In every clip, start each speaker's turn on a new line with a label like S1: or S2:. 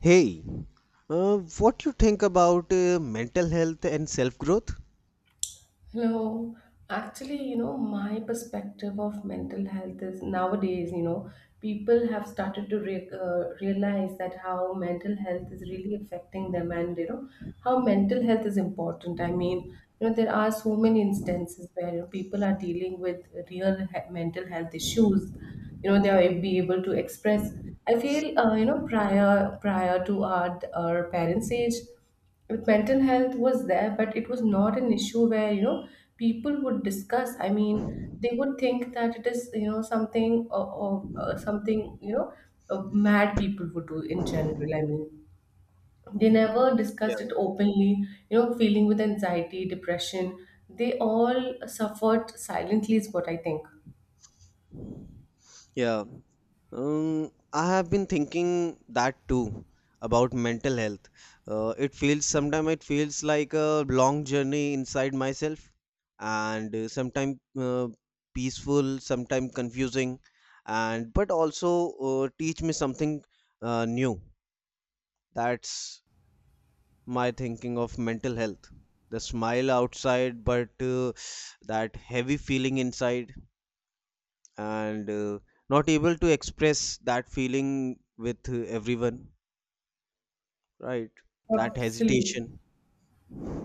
S1: Hey, what you think about mental health and self growth?
S2: No, actually, you know, my perspective of mental health is nowadays, you know, people have started to realize that how mental health is really affecting them and, you know, how mental health is important. I mean, you know, there are so many instances where you know, people are dealing with mental health issues. You know, they are be able to express. I feel, you know, prior to our parents' age, with mental health was there but it was not an issue where you know people would discuss. I mean, they would think that it is you know something or something you know uh, mad people would do in general. I mean, they never
S1: Yeah,
S2: discussed it openly, you know, feeling with anxiety, depression. They all suffered silently is what I think.
S1: Yeah, I have been thinking that too about mental health. It feels sometimes it feels like a long journey inside myself, and sometimes peaceful, sometimes confusing, and but also teach me something new. That's my thinking of mental health. The smile outside, but that heavy feeling inside, and not able to express that feeling with everyone, right? That
S2: Absolutely.
S1: hesitation.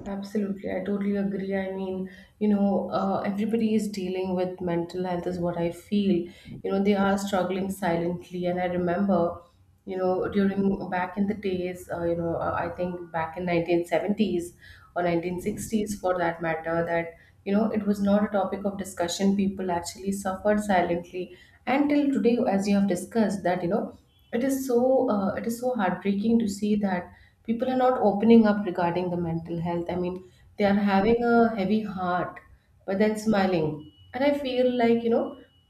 S2: Absolutely, I totally agree. I mean, you know, everybody is dealing with mental health, is what I feel. You know, they are struggling silently. And I remember, you know, during back in the days, you know, I think back in 1970s or 1960s for that matter, that, you know, it was not a topic of discussion. People actually suffered silently. And till today, as you have discussed, that, you know, it is it is so heartbreaking to see that people are not opening up regarding the mental health. I mean, they are having a heavy heart but then smiling. And I feel like, you know,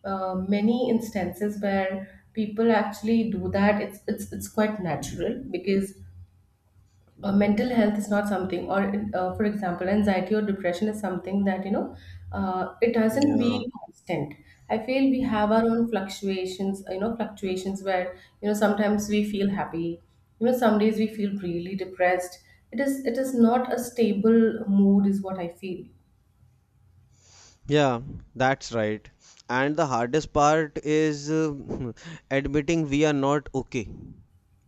S2: many instances where people actually do that, it's quite natural because mental health is not something. Or for example, anxiety or depression is something that you know it doesn't be
S1: Yeah,
S2: constant. I feel we have our own fluctuations, you know, fluctuations where you know sometimes we feel happy, you know, some days we feel really depressed. It is not a stable mood is what I feel.
S1: yeah, that's right. And the hardest part is admitting we are not okay.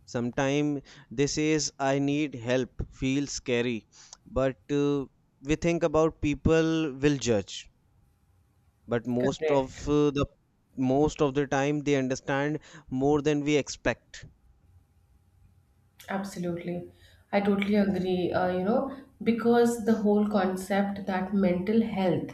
S1: Sometimes this is I need help, feels scary, but we think about people will judge, but most
S2: Correct.
S1: of the most of the time they understand more than we expect.
S2: Absolutely. I totally agree. You know, because the whole concept that mental health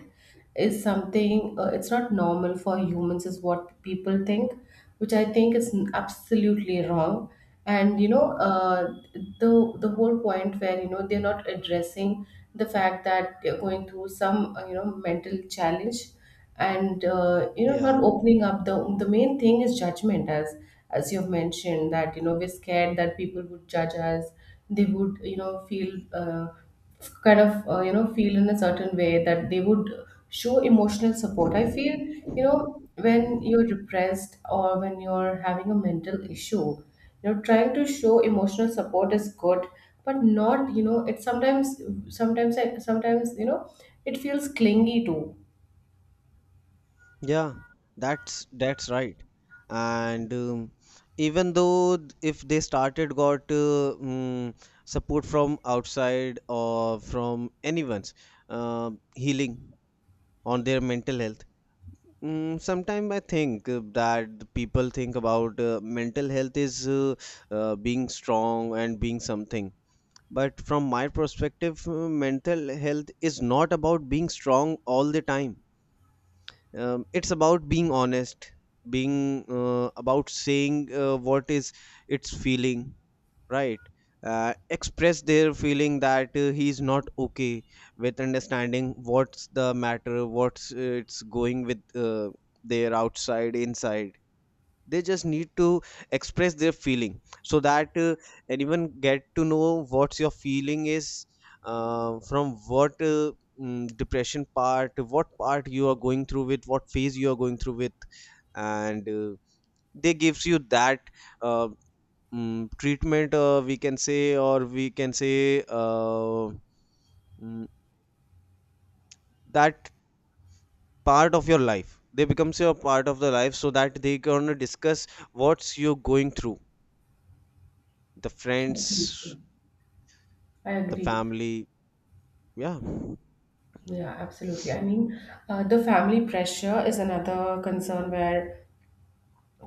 S2: is something, it's not normal for humans, is what people think, which I think is absolutely wrong. And you know, the whole point where you know they're not addressing the fact that they're going through some you know mental challenge and you know
S1: Yeah,
S2: not opening up, the main thing is judgment as you've mentioned, that you know we're scared that people would judge us. They would you know feel kind of you know feel in a certain way that they would show emotional support. I feel, you know, when you're depressed or when you're having a mental issue, you know, trying to show emotional support is good, but not, you know, it's sometimes sometimes, you know, it feels clingy too.
S1: yeah, that's right. And even though if they started got support from outside or from anyone's healing on their mental health, sometimes I think that the people think about mental health is being strong and being something. But from my perspective, mental health is not about being strong all the time. It's about being honest, being about saying what is it's feeling, right? Express their feeling that he's not okay, with understanding what's the matter, what's it's going with their outside, inside. They just need to express their feeling so that anyone get to know what's your feeling is, from what depression part, what part you are going through, with what phase you are going through with. And they gives you that uh, treatment, we can say, or we can say mm, that part of your life, they becomes your part of the life, so that they gonna discuss what's you going through, the
S2: Absolutely.
S1: friends,
S2: I
S1: the
S2: agree.
S1: family. Yeah,
S2: Yeah, absolutely. I mean, the family pressure is another concern where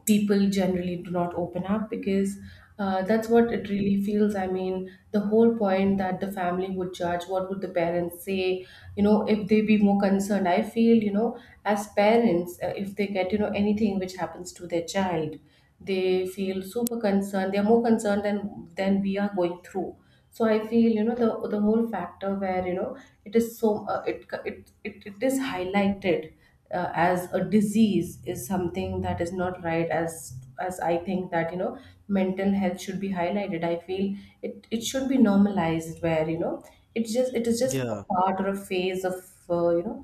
S2: people generally do not open up because that's what it really feels. I mean, the whole point that the family would judge, what would the parents say, you know, if they be more concerned. I feel, you know, as parents, if they get, you know, anything which happens to their child, they feel super concerned. They're more concerned than we are going through. So I feel, you know, the whole factor where, you know, it is it, it is highlighted as a disease is something that is not right. As I think that you know mental health should be highlighted. I feel it should be normalized where you know it's just it is just a
S1: yeah,
S2: part or a phase of you know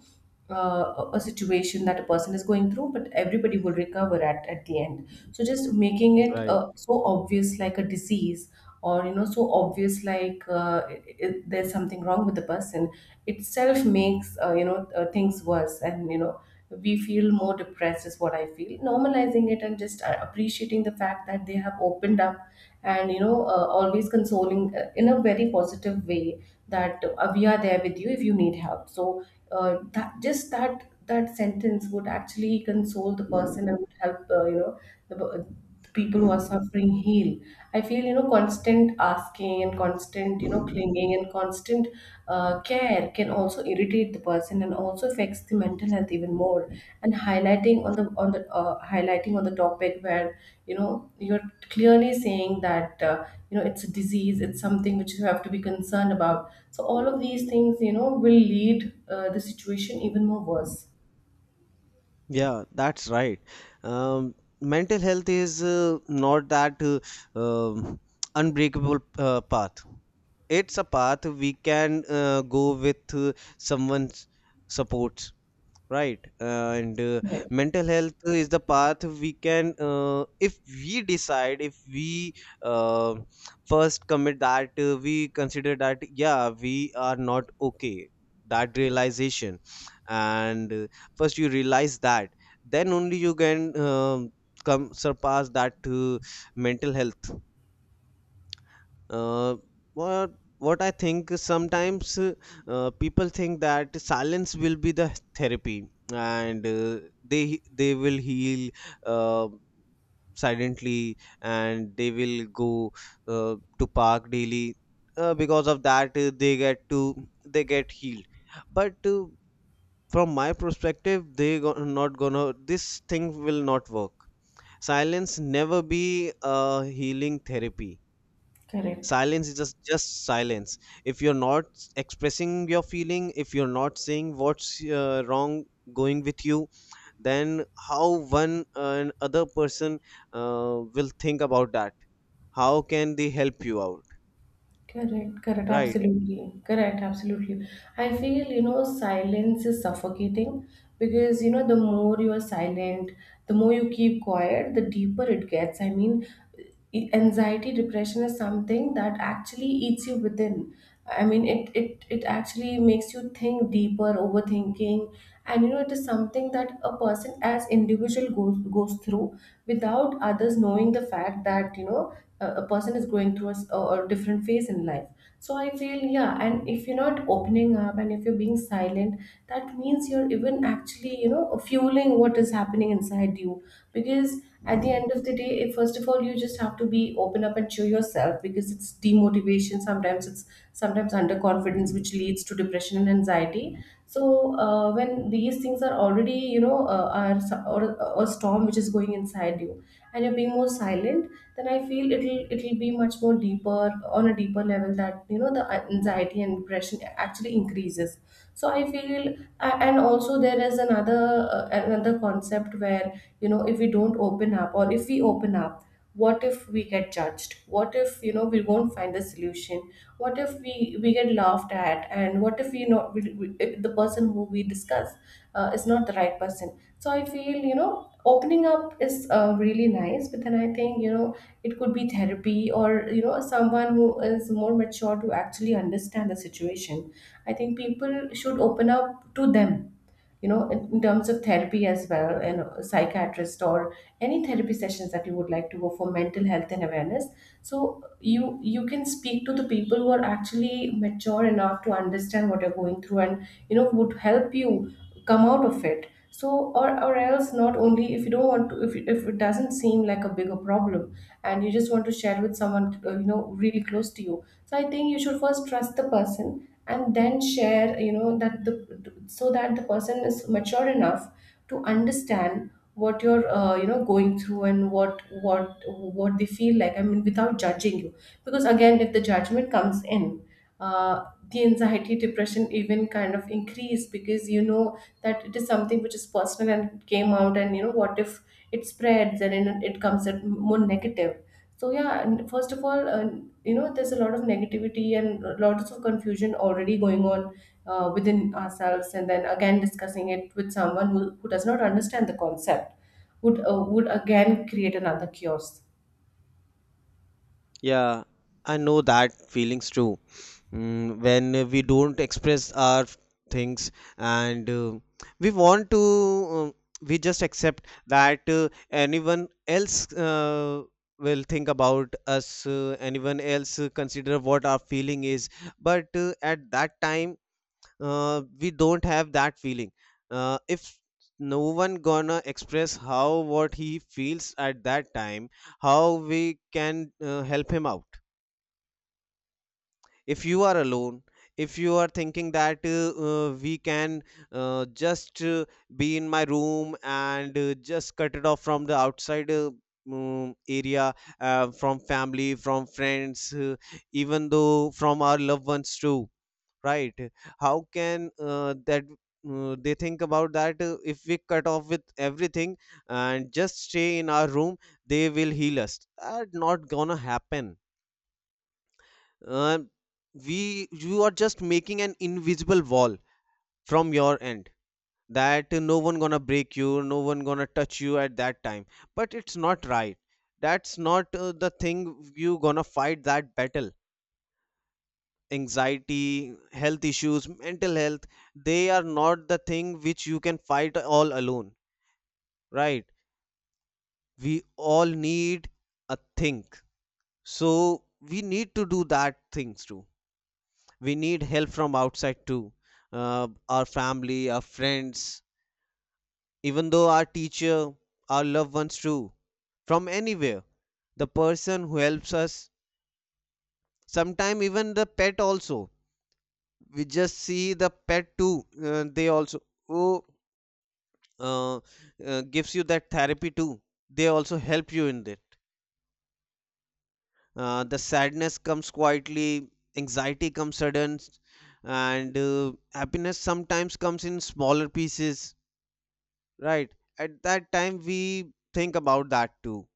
S2: a situation that a person is going through, but everybody will recover at the end. So just making it
S1: right.
S2: so obvious like a disease, or you know so obvious like I there's something wrong with the person itself makes you know things worse, and you know we feel more depressed is what I feel. Normalizing it and just appreciating the fact that they have opened up, and you know always consoling in a very positive way that we are there with you if you need help. So that just that sentence would actually console the person and would help you know the, uh, the people who are suffering heal. I feel, you know, constant asking and constant, you know, clinging and constant care can also irritate the person and also affects the mental health even more. And highlighting on the highlighting on the topic where you know you're clearly saying that you know it's a disease, it's something which you have to be concerned about. So all of these things, you know, will lead the situation even more worse.
S1: Yeah, that's right. Um, mental health is not that um unbreakable path. It's a path we can go with someone's supports, right? And
S2: Right.
S1: mental health is the path we can, if we decide, if we uh, first commit that, we consider that, yeah, we are not okay. That realization, and first you realize that, then only you can come surpass that to mental health. Uh, what what I think is sometimes people think that silence will be the therapy, and uh, they will heal uh, silently, and they will go to park daily. Because of that they get to, they get healed. But from my perspective, not gonna, this thing will not work. Silence never be a healing therapy.
S2: Correct.
S1: Silence is just silence. If you're not expressing your feeling, if you're not saying what's wrong going with you, then how one an other person will think about that, how can they help you out,
S2: Correct, correct,
S1: right?
S2: absolutely. Correct, absolutely. I feel, you know, silence is suffocating because, you know, the more you are silent, the more you keep quiet, the deeper it gets. I mean, anxiety, depression is something that actually eats you within. I mean, it actually makes you think deeper, overthinking, and you know, it is something that a person as individual goes through without others knowing the fact that you know a person is going through a, s- a different phase in life. So I feel, yeah, and if you're not opening up and if you're being silent, that means you're even actually you know fueling what is happening inside you because at the end of the day, first of all, you just have to be open up and show yourself because it's demotivation. Sometimes underconfidence which leads to depression and anxiety. So when these things are already you know are or a storm which is going inside you and you're being more silent, then I feel it'll be much more deeper on a deeper level that you know the anxiety and depression actually increases. So I feel, and also there is another another concept where you know if we don't open up or if we open up, what if we get judged? What if you know we won't find the solution? What if we get laughed at, and what if we, if the person who we discuss is not the right person. So I feel, you know, opening up is really nice, but then I think you know it could be therapy or you know someone who is more mature to actually understand the situation. I think people should open up to them, you know, in terms of therapy as well, and a psychiatrist or any therapy sessions that you would like to go for mental health and awareness. So you can speak to the people who are actually mature enough to understand what you're going through, and you know would help you come out of it. So or else, not only if you don't want to, if it doesn't seem like a bigger problem and you just want to share with someone you know really close to you, so I think you should first trust the person and then share, you know, that the so that the person is mature enough to understand what you're you know going through, and what they feel like. I mean, without judging you, because again if the judgment comes in, uh, the anxiety, depression even kind of increase, because you know that it is something which is personal and it came out, and you know, what if it spreads and then it comes at more negative. So yeah, and first of all, you know, there's a lot of negativity and lots of confusion already going on within ourselves, and then again discussing it with someone who does not understand the concept would again create another chaos.
S1: Yeah, I know that feelings too. When we don't express our things, and we want to, we just accept that anyone else will think about us, anyone else consider what our feeling is. But at that time, we don't have that feeling. If no one gonna express how what he feels at that time, how we can help him out? If you are alone, if you are thinking that we can just be in my room, and just cut it off from the outside area, from family, from friends, even though from our loved ones too, right? How can that they think about that, if we cut off with everything and just stay in our room, they will heal us? That not gonna happen. Uh, we you are just making an invisible wall from your end, that no one gonna break you, no one gonna touch you at that time. But it's not right. That's not the thing. You gonna fight that battle, anxiety, health issues, mental health, they are not the thing which you can fight all alone, right? We all need a think. So we need to do that things too. We need help from outside too. Our family, our friends, even though our teacher, our loved ones too. From anywhere, the person who helps us, sometimes even the pet also. We just see the pet too. They also, oh, uh, gives you that therapy too. They also help you in there. The sadness comes quietly, anxiety comes sudden, and happiness sometimes comes in smaller pieces, right? At that time, we think about that too.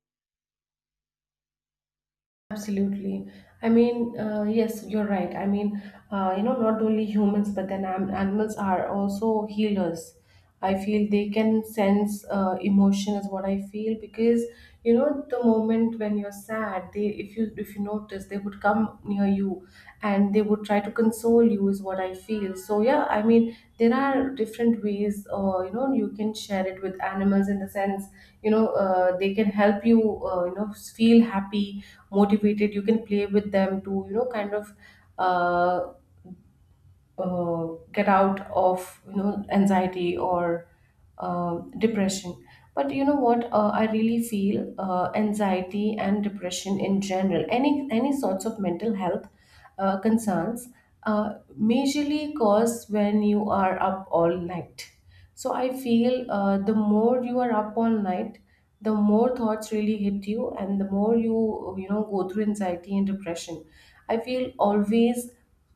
S2: Absolutely. I mean, yes, you're right. I mean, you know, not only humans, but then animals are also healers. I feel they can sense emotion is what I feel, because you know the moment when you're sad, they, if you notice, they would come near you and they would try to console you is what I feel. So yeah, I mean there are different ways you know you can share it with animals in the sense you know they can help you you know feel happy, motivated. You can play with them to you know kind of uh, uh, get out of you know anxiety or depression. But you know what, I really feel anxiety and depression in general, any sorts of mental health concerns uh, majorly cause when you are up all night. So I feel the more you are up all night, the more thoughts really hit you and the more you you know go through anxiety and depression. I feel always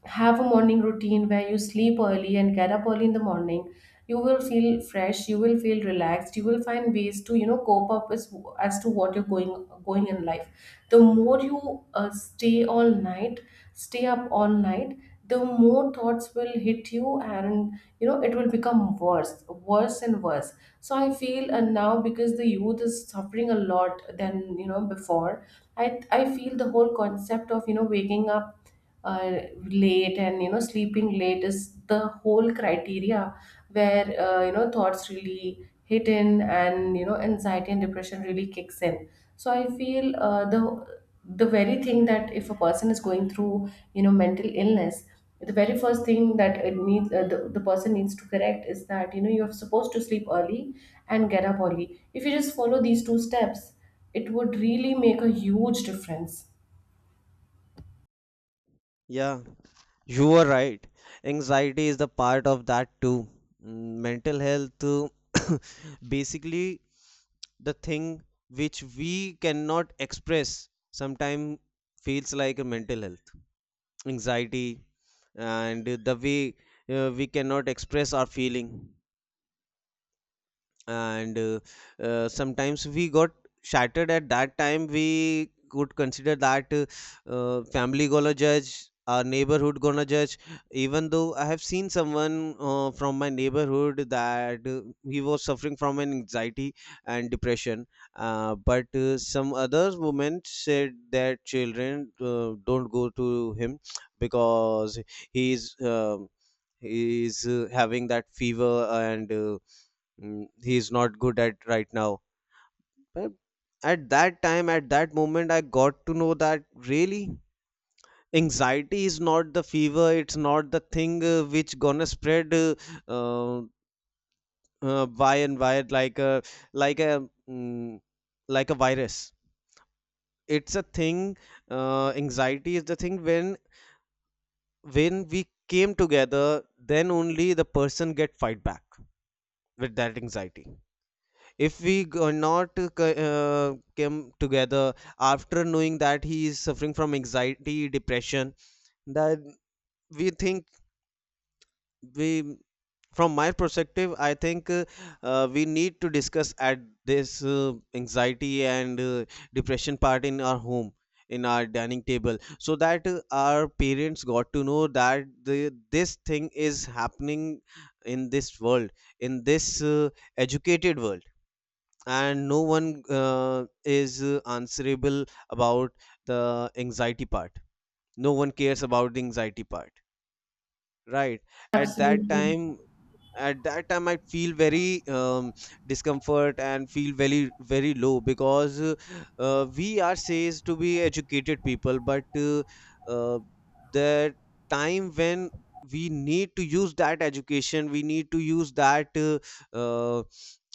S2: have a morning routine where you sleep early and get up early in the morning. You will feel fresh, you will feel relaxed, you will find ways to you know cope up as to what you're going in life. The more you stay all night. Stay up all night, the more thoughts will hit you and you know it will become worse and worse. So I feel, and now because the youth is suffering a lot than you know before, I feel the whole concept of you know waking up uh, late and you know sleeping late is the whole criteria where you know thoughts really hit in and you know anxiety and depression really kicks in. So I feel the very thing that if a person is going through you know mental illness, the very first thing that it needs, the person needs to correct is that you know you're supposed to sleep early and get up early. If you just follow these two steps, it would really make a huge difference.
S1: Yeah, you are right. Anxiety is the part of that too. Mental health, basically, the thing which we cannot express sometimes feels like a mental health. Anxiety, and the way we cannot express our feeling, and sometimes we got shattered, at that time we could consider that family gonna judge, our neighborhood gonna judge. Even though I have seen someone from my neighborhood that he was suffering from an anxiety and depression, but some other women said their children don't go to him, because he is um, he is having that fever, and he is not good at right now. But at that time, at that moment, I got to know that really anxiety is not the fever, it's not the thing which gonna spread uh, by and by like a like a mm, like a virus. It's a thing. Anxiety is the thing, when we came together, then only the person get fight back with that anxiety. If not came together after knowing that he is suffering from anxiety depression, that we think we from my perspective I think we need to discuss at this anxiety and depression part in our home, in our dining table, so that our parents got to know that this thing is happening in this world, in this educated world, and no one is answerable about the anxiety part. No one cares about the anxiety part, right? at that
S2: Absolutely.
S1: time at that time I feel very discomfort, and feel very very low, because we are says to be educated people, but uh, the time when we need to use that education, we need to use that uh,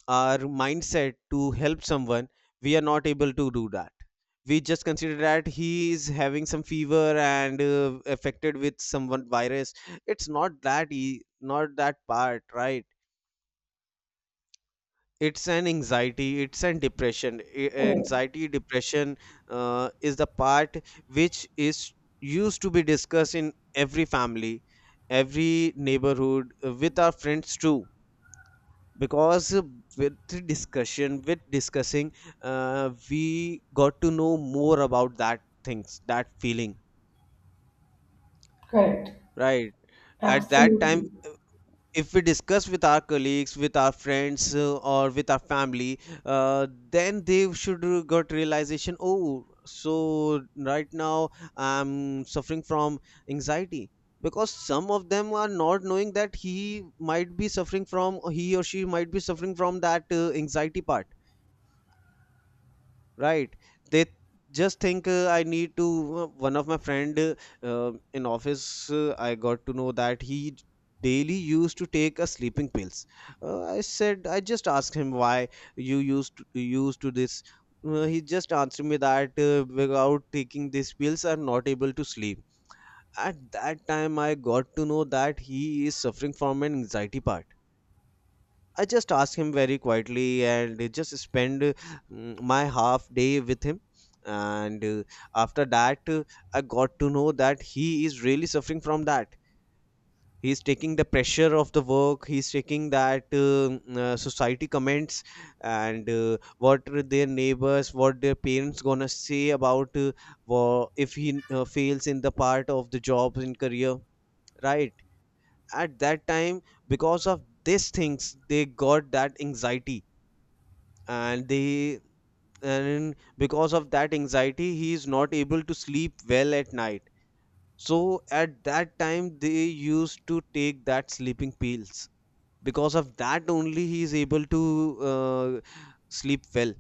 S1: our mindset to help someone, we are not able to do that. We just consider that he is having some fever and affected with some one virus. It's not that, not that part, right? It's an anxiety, it's an depression.
S2: Yeah.
S1: Anxiety depression is the part which is used to be discussed in every family, every neighborhood, with our friends too. Because with the discussion, with discussing, we got to know more about that things, that feeling,
S2: Correct.
S1: right? At that time,
S2: Absolutely.
S1: if we discuss with our colleagues, with our friends, or with our family, then they should got realization, oh, so right now I'm suffering from anxiety. Because some of them are not knowing that he might be suffering from, he or she might be suffering from that anxiety part, right? They just think, I need to one of my friend in office, I got to know that daily used to take a sleeping pills. Uh, i said I just asked him why you used to this. He just answered me that without taking these pills I'm not able to sleep. At that time I got to know that he is suffering from an anxiety part. I just asked him very quietly and just spend my half day with him. And after that, I got to know that he is really suffering from that. He is taking the pressure of the work. He is taking that society comments, and what are their neighbors, what their parents gonna say about if he fails in the part of the job and career, right? At that time, because of these things, they got that anxiety and they and because of that anxiety he is not able to sleep well at night, so at that time they used to take that sleeping pills because of that only he is able to uh, sleep well.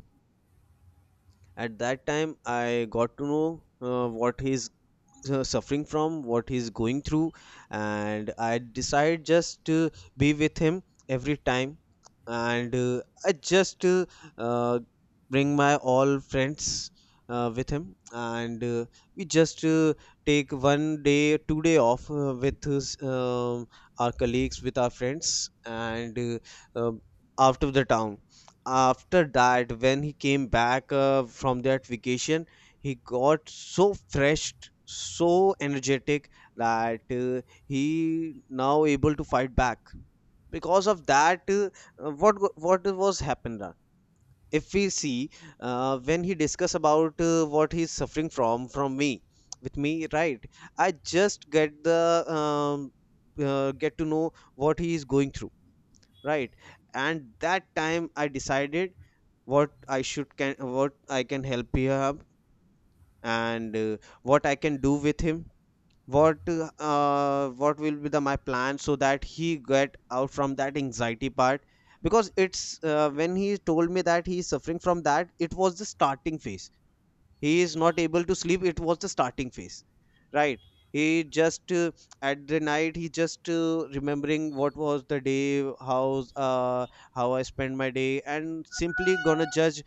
S1: At that time I got to know what his suffering from, what he's going through, and I decide just to be with him every time. And I just uh, bring my all friends with him, and we just take one day two-day off with his, our colleagues, with our friends, and um out of the town. After that, when he came back from that vacation, he got so fresh, so energetic that he now able to fight back. Because of that, what what was happened? If we see, when he discuss about what he's suffering from me with me, right? I just get the um, get to know what he is going through, right? And that time I decided what I should can what I can help him, and what I can do with him, what will be the my plan so that he get out from that anxiety part. Because it's when he told me that he is suffering from that, it was the starting phase. He is not able to sleep, it was the starting phase, right? He just at the night, he just remembering what was the day, how I spent my day, and simply gonna judge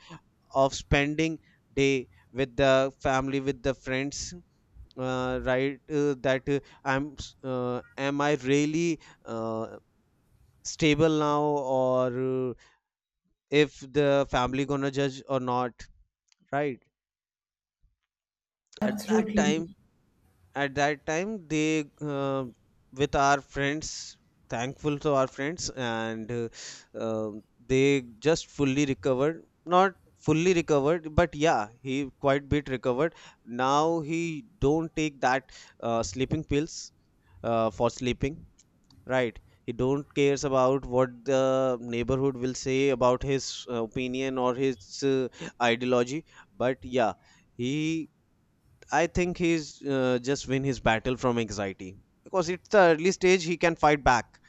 S1: of spending day with the family, with the friends, right, that am I really uh, stable now, or uh, if the family gonna judge or not, right? at that time
S2: Absolutely.
S1: at that time they with our friends, thankful to our friends, and they just fully recovered, not fully recovered, but yeah, he quite bit recovered. Now he don't take that sleeping pills for sleeping, right? He don't cares about what the neighborhood will say about his opinion or his ideology. But yeah, he, I think he's just win his battle from anxiety, because it's the early stage he can fight back.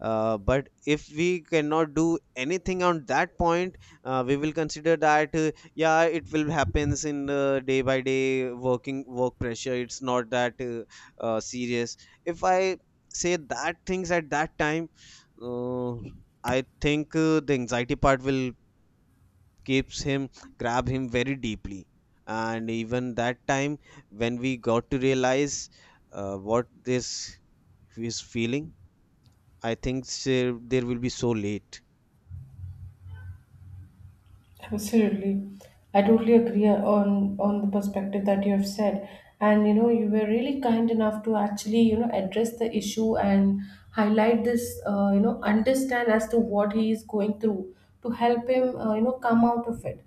S1: But if we cannot do anything on that point, we will consider that yeah, it will happens in day by day working work pressure. It's not that serious. If I say that things at that time, uh, I think the anxiety part will keeps him, grab him very deeply. And even that time when we got to realize what this is feeling, I think there will be so late.
S2: Absolutely, I totally agree on the perspective that you have said. And you know, you were really kind enough to actually, you know, address the issue and highlight this, you know, understand as to what he is going through to help him, you know, come out of it.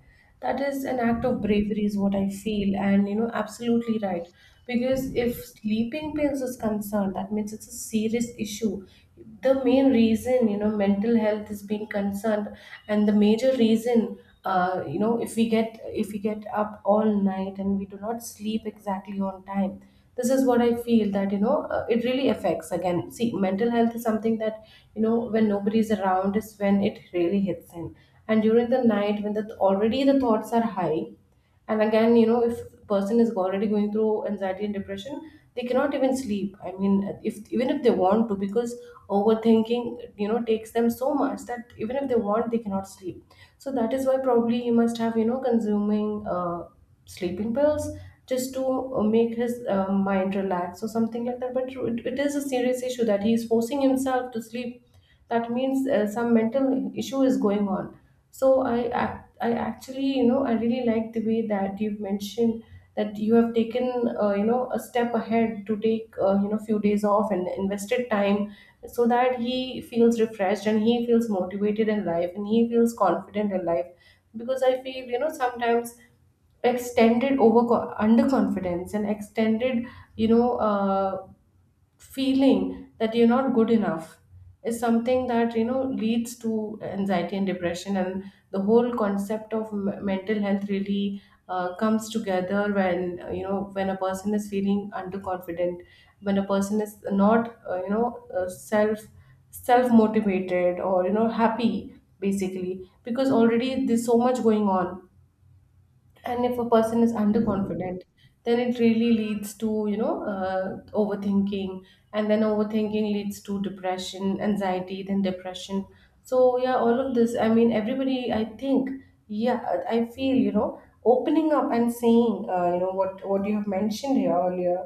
S2: That is an act of bravery is what I feel. And you know, absolutely right, because if sleeping pills is concerned, that means it's a serious issue. The main reason you know mental health is being concerned, and the major reason, you know, if we get up all night and we do not sleep exactly on time, this is what I feel, that you know it really affects. Again, see, mental health is something that you know when nobody is around is when it really hits in. And during the night when the already the thoughts are high, and again, you know, if a person is already going through anxiety and depression, they cannot even sleep. I mean, if even if they want to, because overthinking you know takes them so much that even if they want, they cannot sleep. So that is why probably he must have you know consuming sleeping pills just to make his mind relax or something like that. But it is a serious issue that he is forcing himself to sleep. That means some mental issue is going on. So I actually you know I really like the way that you've mentioned, that you have taken you know a step ahead, to take you know few days off and invested time, so that he feels refreshed and he feels motivated in life and he feels confident in life. Because I feel you know sometimes extended over underconfidence and extended, you know, feeling that you're not good enough is something that you know leads to anxiety and depression. And the whole concept of mental health really comes together when you know, when a person is feeling underconfident, when a person is not you know self motivated or you know happy, basically, because already there's so much going on. And if a person is underconfident, then it really leads to you know overthinking, and then overthinking leads to depression, anxiety, then depression. So yeah, all of this, I mean everybody I think. Yeah, I feel you know opening up and saying, you know, what you have mentioned here earlier,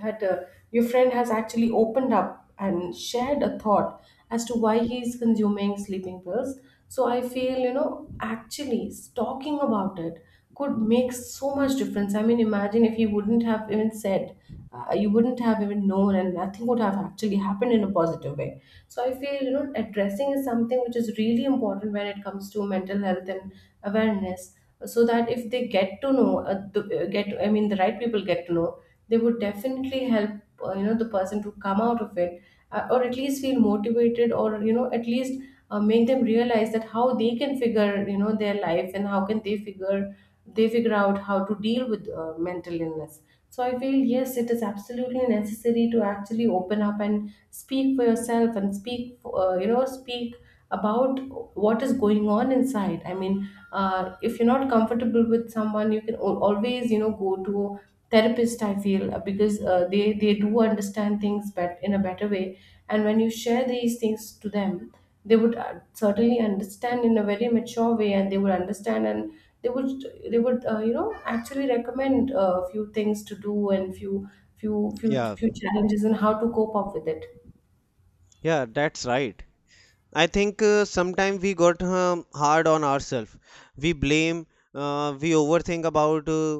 S2: that your friend has actually opened up and shared a thought as to why he is consuming sleeping pills. So I feel you know actually talking about it could make so much difference. I mean, imagine if he wouldn't have even said, you wouldn't have even known, and nothing would have actually happened in a positive way. So I feel you know addressing is something which is really important when it comes to mental health and awareness. So that if they get to know get, I mean, the right people get to know, they would definitely help you know the person to come out of it, or at least feel motivated, or you know at least make them realize that how they can figure you know their life, and how can they figure, they figure out how to deal with mental illness. So I feel yes, it is absolutely necessary to actually open up and speak for yourself, and speak you know speak about what is going on inside. I mean, if you're not comfortable with someone, you can always you know go to therapist, I feel, because they do understand things but in a better way. And when you share these things to them, they would certainly understand in a very mature way, and they would understand, and they would, they would you know actually recommend a few things to do, and few few
S1: Yeah,
S2: few challenges and how to cope up with it.
S1: yeah, that's right. I think sometimes we got hard on ourselves. We blame, we overthink about uh,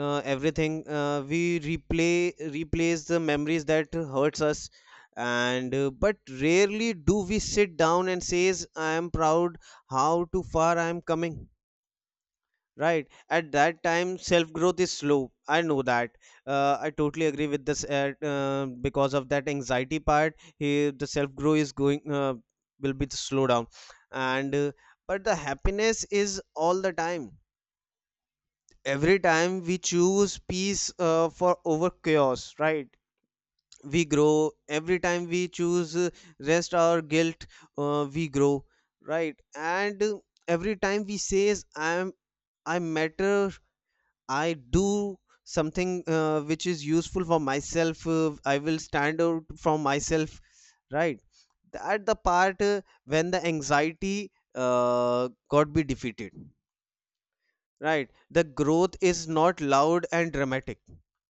S1: uh, everything. We replay replace the memories that hurts us, and but rarely do we sit down and says, "I am proud how to far I am coming." Right. At that time, self growth is slow. I know that. I totally agree with this. Because of that anxiety part, he, the self growth is going will be the slow down, and but the happiness is all the time. Every time we choose peace for over chaos, right? We grow every time we choose rest or guilt. We grow, right? And every time we says, I'm, I matter, I do something which is useful for myself. I will stand out from myself, right? At the part when the anxiety got be defeated, right? The growth is not loud and dramatic.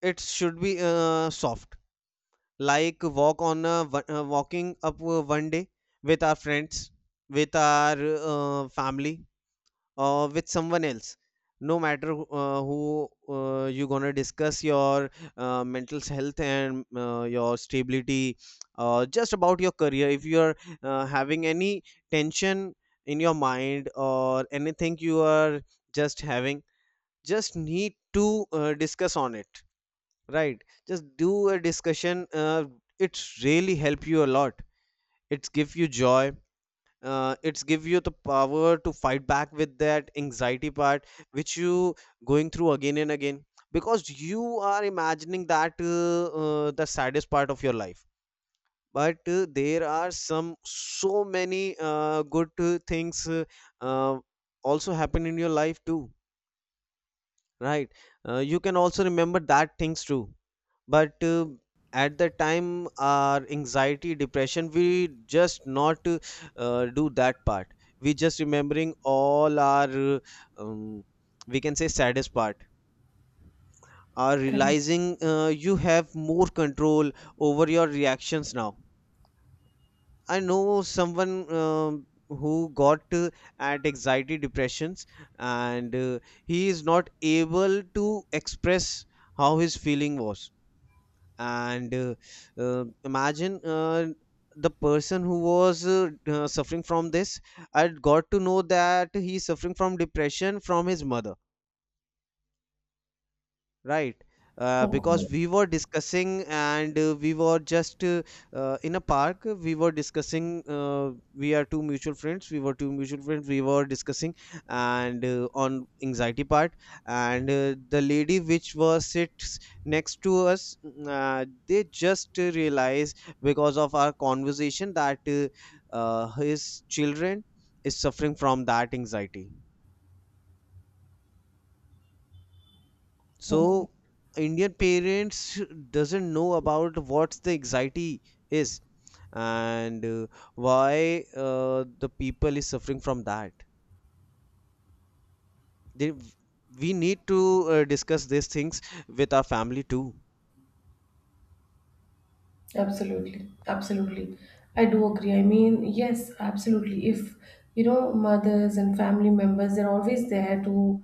S1: It should be soft, like walk on walking up one day with our friends, with our family, with someone else, no matter who you gonna discuss your mental health and your stability, just about your career, if you are having any tension in your mind, or anything you are just having, just need to discuss on it, right? Just do a discussion, it's really help you a lot, it's give you joy, it's give you the power to fight back with that anxiety part which you going through again and again, because you are imagining that the saddest part of your life. But there are some so many good things uh, also happen in your life too, right? You can also remember that things too, but at the time our anxiety depression, we just not do that part. We just remembering all our um, we can say saddest part, are
S2: Correct.
S1: realizing you have more control over your reactions now. I know someone, um who got at anxiety depressions, and he is not able to express how his feeling was. And Imagine the person who was suffering from this. I got to know that he's suffering from depression from his mother. Right.
S2: Oh god.
S1: Because we were discussing, and we were just in a park, we were discussing, we were two mutual friends, we were discussing, and on anxiety part, and the lady which was sits next to us, they just realize, because of our conversation, that his children is suffering from that anxiety.
S2: Oh god.
S1: So Indian parents doesn't know about what's the anxiety is, and why the people is suffering from that. they, we need to discuss these things with our family too.
S2: Absolutely, absolutely. I do agree. I mean, yes, absolutely. If you know, mothers and family members, they're always there to